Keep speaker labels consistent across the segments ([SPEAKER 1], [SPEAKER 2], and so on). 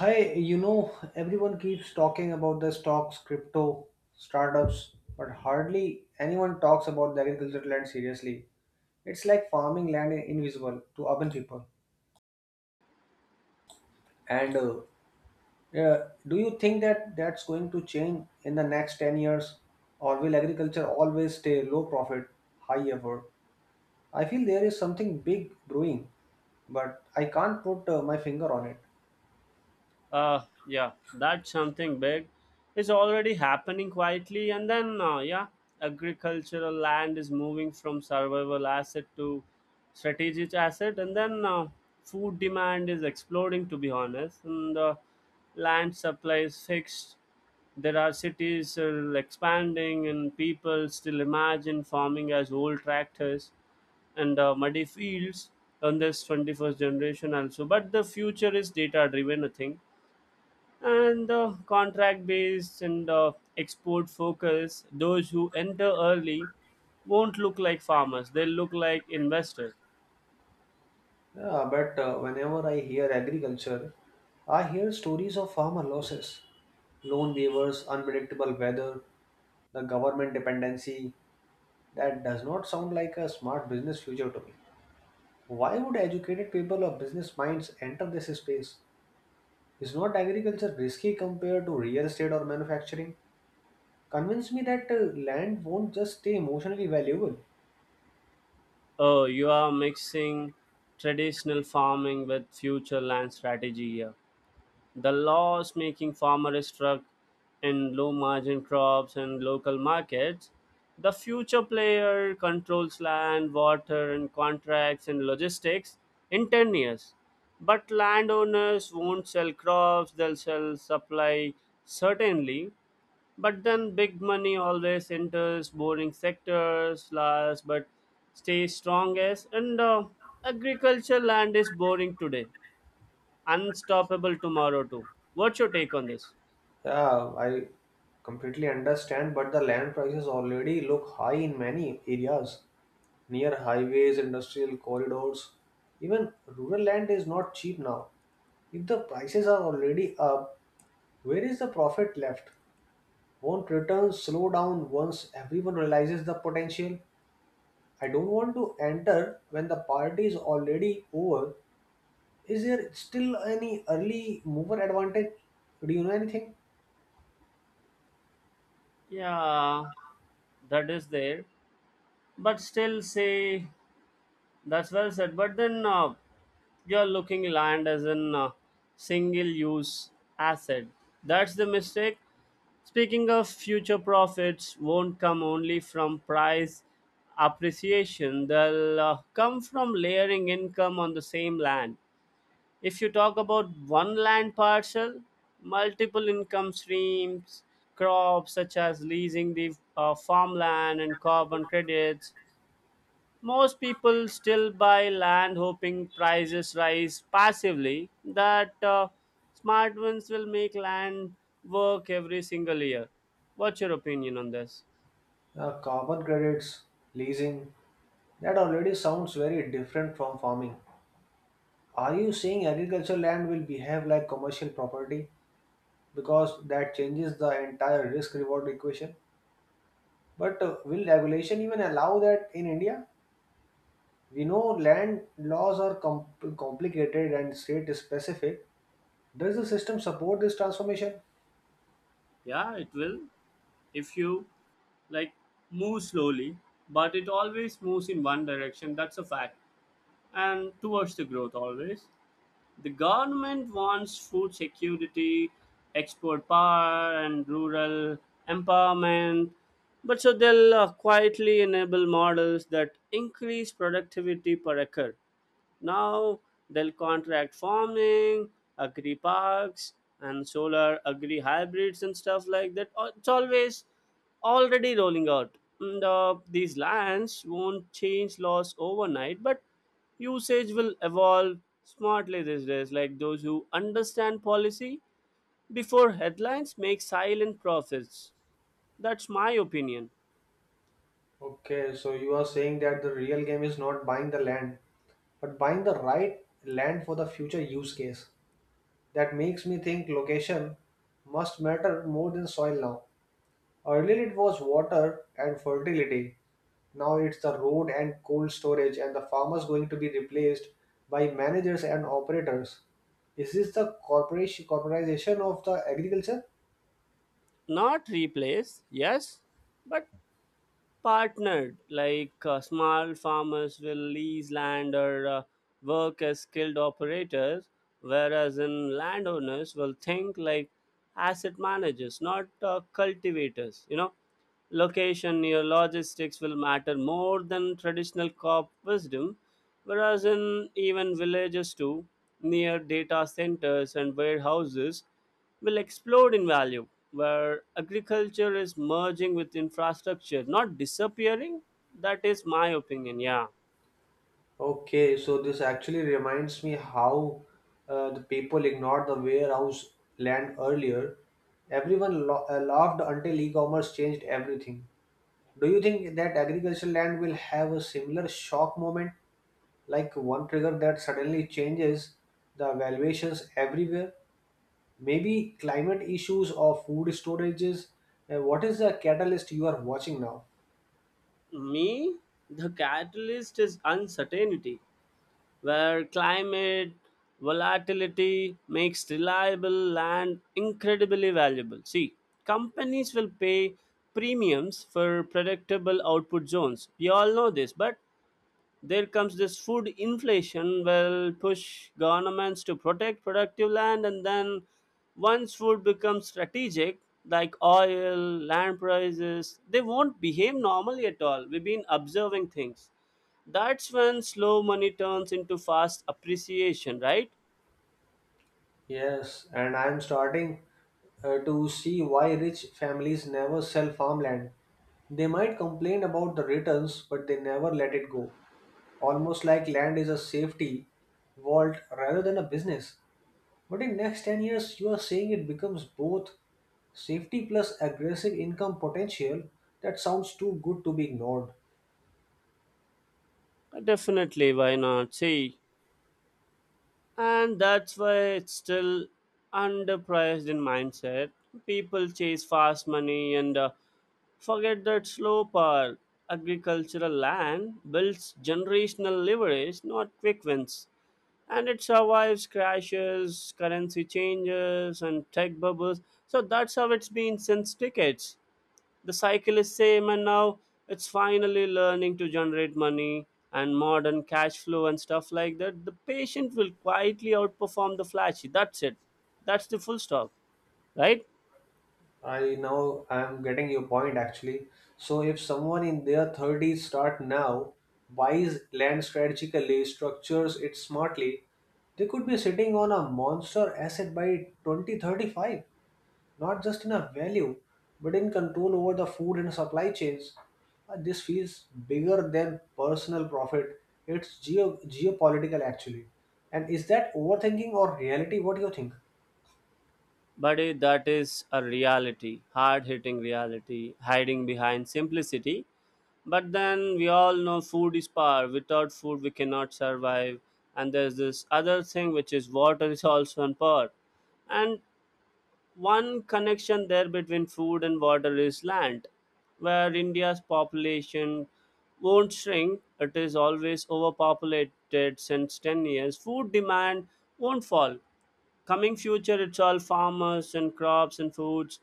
[SPEAKER 1] Hi, everyone keeps talking about the stocks, crypto, startups, but hardly anyone talks about the agricultural land seriously. It's like farming land invisible to urban people. And uh, yeah, do you think that that's going to change in the next 10 years? Or will agriculture always stay low profit, high effort? I feel there is something big brewing, but I can't put my finger on it.
[SPEAKER 2] Yeah, that's something big. It's already happening quietly, and then agricultural land is moving from survival asset to strategic asset. And then food demand is exploding, to be honest. And land supply is fixed. There are cities expanding, and people still imagine farming as old tractors and muddy fields on this 21st generation also. But the future is data driven, I think, and contract based, and export focus. Those who enter early won't look like farmers, they will look like investors.
[SPEAKER 1] Yeah, but whenever I hear agriculture, I hear stories of farmer losses, loan waivers, unpredictable weather, the government dependency. That does not sound like a smart business future to me. Why would educated people or business minds enter this space? Is not agriculture risky compared to real estate or manufacturing? Convince me that land won't just stay emotionally valuable.
[SPEAKER 2] Oh, you are mixing traditional farming with future land strategy here. The loss making farmer is struck in low margin crops and local markets. The future player controls land, water, and contracts and logistics in 10 years. But landowners won't sell crops, they'll sell supply certainly. But then big money always enters boring sectors last but stays strongest, and agriculture land is boring today, unstoppable tomorrow too. What's your take on this?
[SPEAKER 1] Yeah, I completely understand, but the land prices already look high in many areas. Near highways, industrial corridors, even rural land is not cheap now. If the prices are already up, where is the profit left? Won't returns slow down once everyone realizes the potential? I don't want to enter when the party is already over. Is there still any early mover advantage? Do you know anything?
[SPEAKER 2] Yeah, that is there, but still say that's well said. But then you're looking land as an single-use asset. That's the mistake. Speaking of future profits, won't come only from price appreciation. They'll come from layering income on the same land. If you talk about one land parcel, multiple income streams, crops such as leasing the farmland and carbon credits. Most people still buy land hoping prices rise passively. That smart ones will make land work every single year. What's your opinion on this?
[SPEAKER 1] Carbon credits, leasing, that already sounds very different from farming. Are you saying agricultural land will behave like commercial property? Because that changes the entire risk reward equation. But will regulation even allow that in India? We know land laws are complicated and state specific. Does the system support this transformation?
[SPEAKER 2] Yeah, it will. If you like move slowly, but it always moves in one direction. That's a fact. And towards the growth always. The government wants food security, export power, and rural empowerment. But so they'll quietly enable models that increase productivity per acre now. They'll contract farming, agri parks, and solar agri hybrids and stuff like that. It's always already rolling out. And, these lands won't change laws overnight, but usage will evolve smartly these days. Like those who understand policy before headlines make silent profits. That's my opinion.
[SPEAKER 1] Okay, so you are saying that the real game is not buying the land, but buying the right land for the future use case. That makes me think location must matter more than soil now. Earlier it was water and fertility. Now it's the road and cold storage and the farmers going to be replaced by managers and operators. Is this the corporation corporatization of the agriculture?
[SPEAKER 2] Not replace, yes, but partnered, like small farmers will lease land or work as skilled operators, whereas in landowners will think like asset managers, not cultivators, you know location Near logistics will matter more than traditional cop wisdom. Whereas in even villages too, near data centers and warehouses will explode in value, where agriculture is merging with infrastructure, not disappearing. That is my opinion. Yeah.
[SPEAKER 1] Okay, so this actually reminds me how the people ignored the warehouse land earlier. Everyone laughed until e-commerce changed everything. Do you think that agricultural land will have a similar shock moment, like one trigger that suddenly changes the valuations everywhere? Maybe climate issues or food storages. What is the catalyst you are watching now?
[SPEAKER 2] Me, the catalyst is uncertainty, where climate volatility makes reliable land incredibly valuable. See, companies will pay premiums for predictable output zones. You all know this, but there comes this food inflation will push governments to protect productive land. And then once food becomes strategic, like oil, land prices, they won't behave normally at all. We've been observing things. That's when slow money turns into fast appreciation, right?
[SPEAKER 1] Yes, and I am starting to see why rich families never sell farmland. They might complain about the returns, but they never let it go. Almost like land is a safety vault rather than a business. But in next 10 years, you are saying it becomes both safety plus aggressive income potential. That sounds too good to be ignored.
[SPEAKER 2] Definitely, why not? See, and that's why it's still underpriced in mindset. People chase fast money and forget that slow part. Agricultural land builds generational leverage, not quick wins. And it survives crashes, currency changes, and tech bubbles. So that's how it's been since decades. The cycle is same, and now it's finally learning to generate money and modern cash flow and stuff like that. The patient will quietly outperform the flashy. That's it. That's the full stop, right?
[SPEAKER 1] I Now I'm getting your point actually. So if someone in their 30s start now, buys land strategically, structures it smartly, they could be sitting on a monster asset by 2035. Not just in a value, but in control over the food and supply chains. This feels bigger than personal profit. It's geopolitical actually. And is that overthinking or reality? What do you think?
[SPEAKER 2] Buddy, that is a reality, hard hitting reality, hiding behind simplicity. But then we all know food is power. Without food, we cannot survive. And there's this other thing which is water is also an power. And one connection there between food and water is land, where India's population won't shrink. It is always overpopulated since 10 years. Food demand won't fall. Coming future, it's all farmers and crops and foods.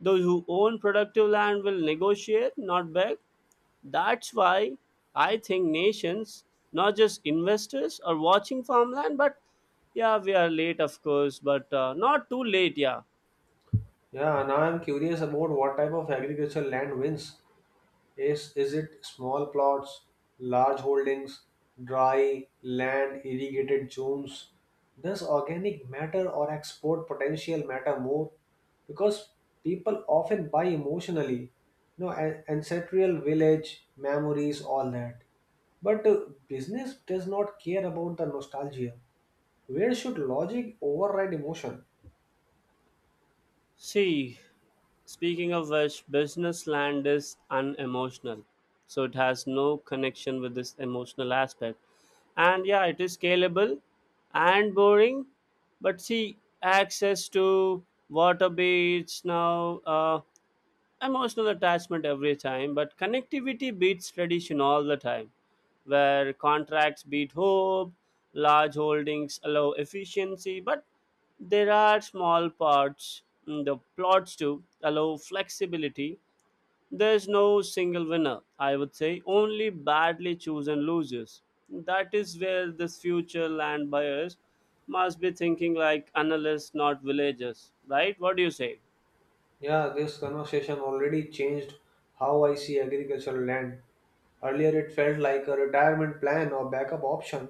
[SPEAKER 2] Those who own productive land will negotiate, not beg. That's why I think nations, not just investors, are watching farmland. But yeah, we are late, of course, but not too late. Yeah.
[SPEAKER 1] Yeah, now I'm curious about what type of agricultural land wins. Is it small plots, large holdings, dry land, irrigated zones? Does organic matter or export potential matter more? Because people often buy emotionally, ancestral village, memories, all that. But business does not care about the nostalgia. Where should logic override emotion?
[SPEAKER 2] See, speaking of which, business land is unemotional, so it has no connection with this emotional aspect. And yeah, it is scalable and boring, but see, access to water beach now. Emotional attachment every time, but connectivity beats tradition all the time, where contracts beat hope, large holdings allow efficiency, but there are small parts in the plots to allow flexibility. There's no single winner, I would say, only badly chosen losers. That is where this future land buyers must be thinking like analysts, not villagers, right? What do you say?
[SPEAKER 1] Yeah, this conversation already changed how I see agricultural land. Earlier, it felt like a retirement plan or backup option.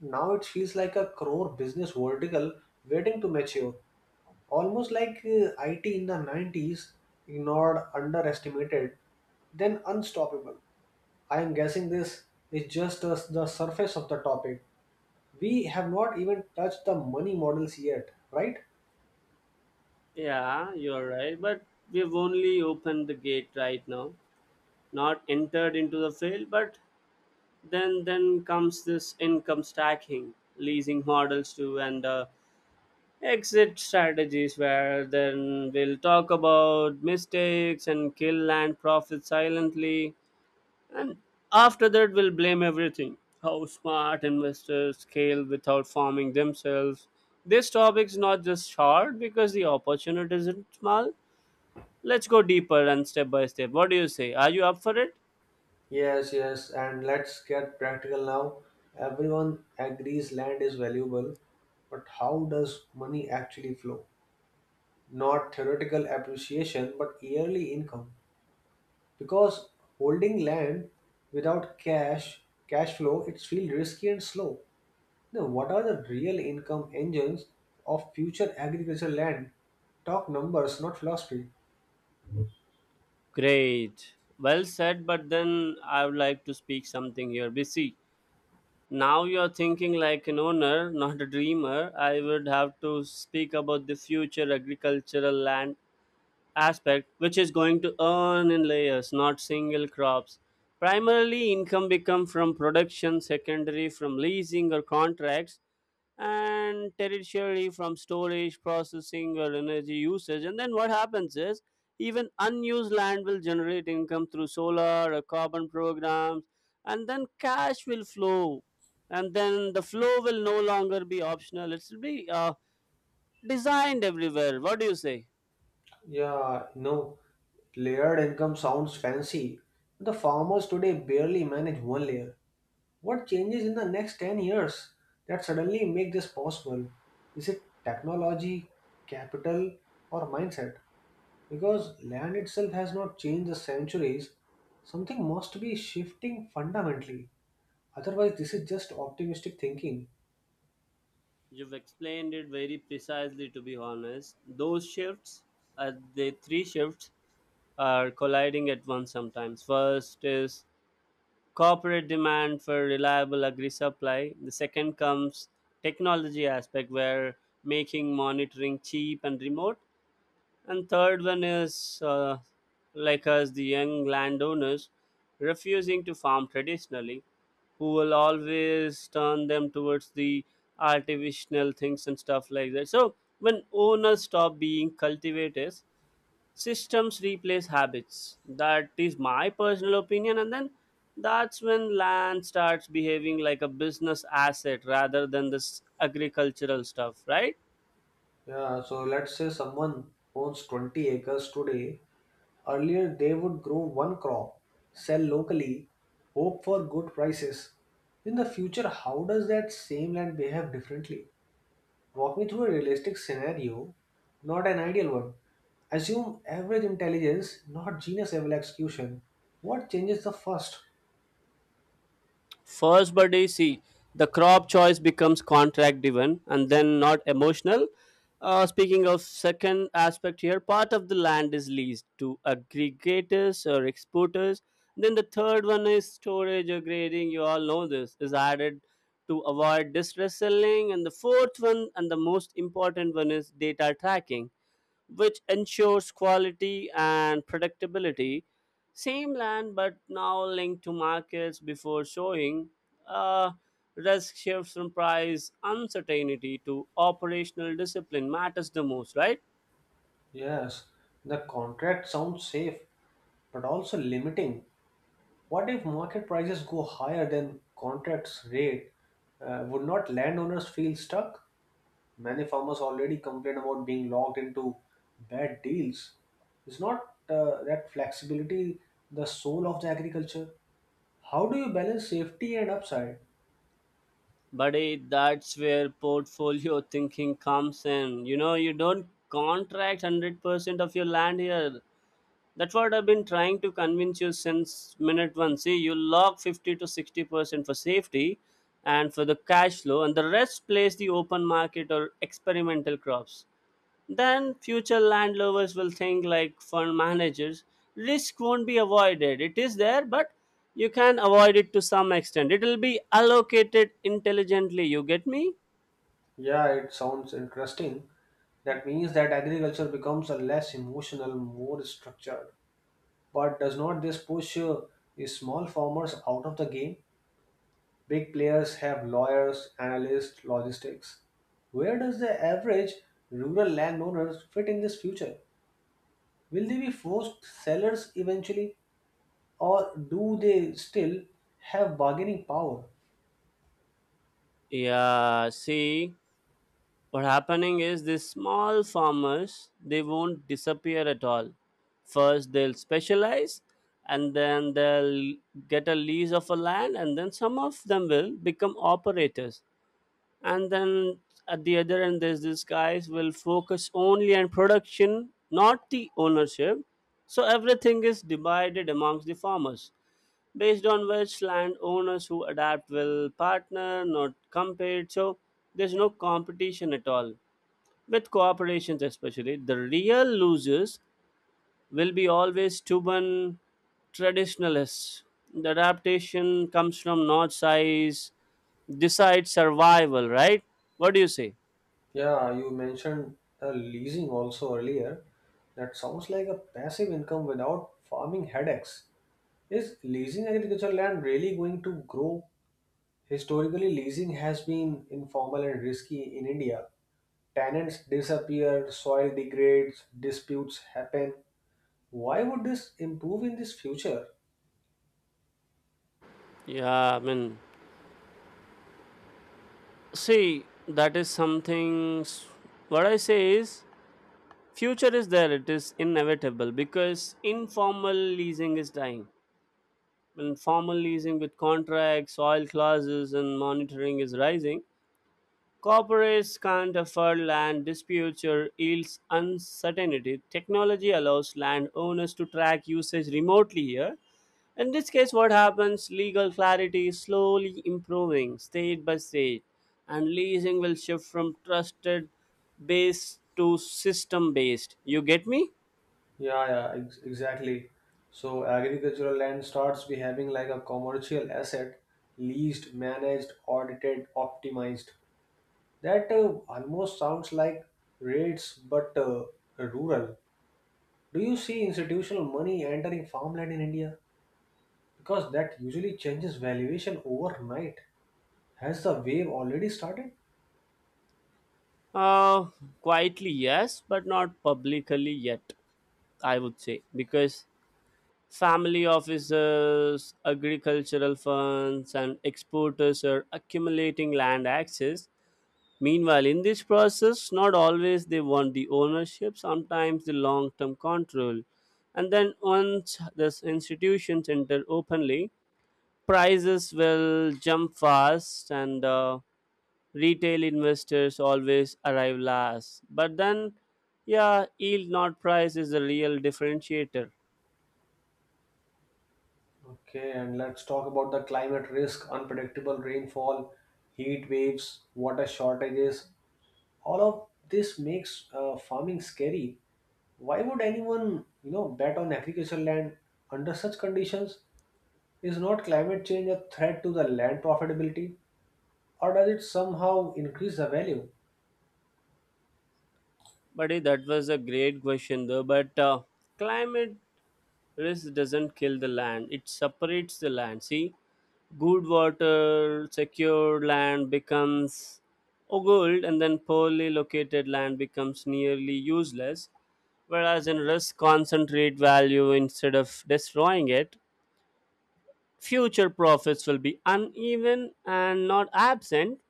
[SPEAKER 1] Now, it feels like a core business vertical waiting to mature. Almost like IT in the 90s, ignored, underestimated, then unstoppable. I am guessing this is just the surface of the topic. We have not even touched the money models yet, right?
[SPEAKER 2] Yeah, you're right. But we've only opened the gate right now, not entered into the field. But then, comes this income stacking, leasing models too, and exit strategies. Where then we'll talk about mistakes and kill land profits silently, and after that we'll blame everything. How smart investors scale without forming themselves. This topic is not just short because the opportunity isn't small. Let's go deeper and step by step. What do you say? Are you up for it?
[SPEAKER 1] Yes, yes, and let's get practical now. Everyone agrees land is valuable, but how does money actually flow? Not theoretical appreciation, but yearly income. Because holding land without cash flow, it's feel risky and slow. Now, what are the real income engines of future agricultural land? Talk numbers, not philosophy.
[SPEAKER 2] Great. Well said, but then I would like to speak something here. We see, now you're thinking like an owner, not a dreamer. I would have to speak about the future agricultural land aspect, which is going to earn in layers, not single crops. Primarily income become from production, secondary from leasing or contracts, and tertiary from storage processing or energy usage. And then what happens is, even unused land will generate income through solar or carbon programs. And then cash will flow, and then the flow will no longer be optional, it will be designed everywhere. What do you say?
[SPEAKER 1] Yeah, no, layered income sounds fancy. The farmers today barely manage one layer. What changes in the next 10 years that suddenly make this possible? Is it technology, capital, or mindset? Because land itself has not changed the centuries, something must be shifting fundamentally. Otherwise, this is just optimistic thinking.
[SPEAKER 2] You've explained it very precisely, to be honest. Those shifts, the three shifts, are colliding at once sometimes. First is corporate demand for reliable agri supply. The second comes technology aspect, where making monitoring cheap and remote. And third one is like us, the young landowners refusing to farm traditionally, who will always turn them towards the artificial things and stuff like that. So when owners stop being cultivators, systems replace habits. That is my personal opinion. And then that's when land starts behaving like a business asset rather than this agricultural stuff, right?
[SPEAKER 1] Yeah, so let's say someone owns 20 acres today. Earlier, they would grow one crop, sell locally, hope for good prices. In the future, how does that same land behave differently? Walk me through a realistic scenario, not an ideal one. Assume average intelligence, not genius level execution. What changes the first?
[SPEAKER 2] First birthday, see, the crop choice becomes contract driven and then not emotional. Speaking of second aspect here, part of the land is leased to aggregators or exporters. Then the third one is storage or grading. You all know this is added to avoid distress selling. And the fourth one and the most important one is data tracking which ensures quality and predictability. Same land, but now linked to markets before showing. Uh, Risk shifts from price uncertainty to operational discipline matters the most, right?
[SPEAKER 1] Yes, the contract sounds safe, but also limiting. What if market prices go higher than contracts rate? Would not landowners feel stuck? Many farmers already complain about being locked into bad deals. It's not that flexibility the soul of the agriculture. How do you balance safety and upside?
[SPEAKER 2] Buddy, that's where portfolio thinking comes in. You know, you don't contract 100% of your land here. That's what I've been trying to convince you since minute one. See, you lock 50 to 60% for safety and for the cash flow, and the rest plays the open market or experimental crops. Then future landlovers will think like fund managers. Risk won't be avoided. It is there, but you can avoid it to some extent. It will be allocated intelligently. You get me?
[SPEAKER 1] Yeah, it sounds interesting. That means that agriculture becomes a less emotional, more structured. But does not this push the small farmers out of the game? Big players have lawyers, analysts, logistics. Where does the average rural landowner fit in this future? Will they be forced sellers eventually, or do they still have bargaining power?
[SPEAKER 2] Yeah, see. What happening is these small farmers, they won't disappear at all. First they'll specialize, and then they'll get a lease of a land, and then some of them will become operators. And then at the other end, there's these guys will focus only on production, not the ownership. So everything is divided amongst the farmers. Based on which landowners who adapt will partner, not compete. So there's no competition at all with cooperations, especially the real losers will be always stubborn traditionalists. The adaptation comes from not size decide survival, right? What do you say?
[SPEAKER 1] Yeah, you mentioned leasing also earlier. That sounds like a passive income without farming headaches. Is leasing agricultural land really going to grow? Historically, leasing has been informal and risky in India. Tenants disappear, soil degrades, disputes happen. Why would this improve in this future?
[SPEAKER 2] Yeah, I mean, see, that is something what I say is, future is there, it is inevitable, because informal leasing is dying and formal leasing with contracts, oil clauses and monitoring is rising. Corporates can't afford land disputes or yields uncertainty. Technology allows landowners to track usage remotely here. In this case, what happens? Legal clarity is slowly improving state by state, and leasing will shift from trusted based to system based. You get me?
[SPEAKER 1] Yeah, yeah, exactly. So agricultural land starts behaving like a commercial asset, leased, managed, audited, optimized. That almost sounds like rates, but rural. Do you see institutional money entering farmland in India? Because that usually changes valuation overnight. Has the wave already started?
[SPEAKER 2] Uh, Quietly, yes, but not publicly yet, I would say, because family offices, agricultural funds, and exporters are accumulating land access. Meanwhile, in this process, not always they want the ownership, sometimes the long term control. And then once these institutions enter openly, prices will jump fast, and retail investors always arrive last. But then, yeah, yield not price is the real differentiator.
[SPEAKER 1] Okay, and let's talk about the climate risk, unpredictable rainfall, heat waves, water shortages, all of this makes farming scary. Why would anyone, bet on agricultural land under such conditions? Is not climate change a threat to the land profitability, or does it somehow increase the value?
[SPEAKER 2] Buddy, that was a great question though. But climate risk doesn't kill the land; it separates the land. See, good water, secured land becomes gold, and then poorly located land becomes nearly useless. Whereas in risk, concentrate value instead of destroying it. Future profits will be uneven and not absent,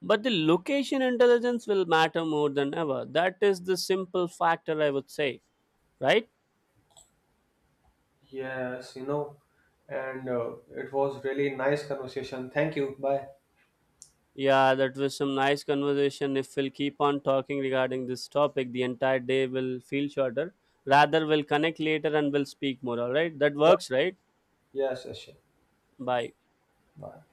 [SPEAKER 2] but the location intelligence will matter more than ever. That is the simple factor, I would say, right?
[SPEAKER 1] Yes, and it was really nice conversation. Thank you. Bye.
[SPEAKER 2] Yeah, that was some nice conversation. If we'll keep on talking regarding this topic, the entire day will feel shorter. Rather, we'll connect later and we'll speak more, all right? That
[SPEAKER 1] Sure.
[SPEAKER 2] works, right?
[SPEAKER 1] Yes, yes, sure.
[SPEAKER 2] Bye.
[SPEAKER 1] Bye.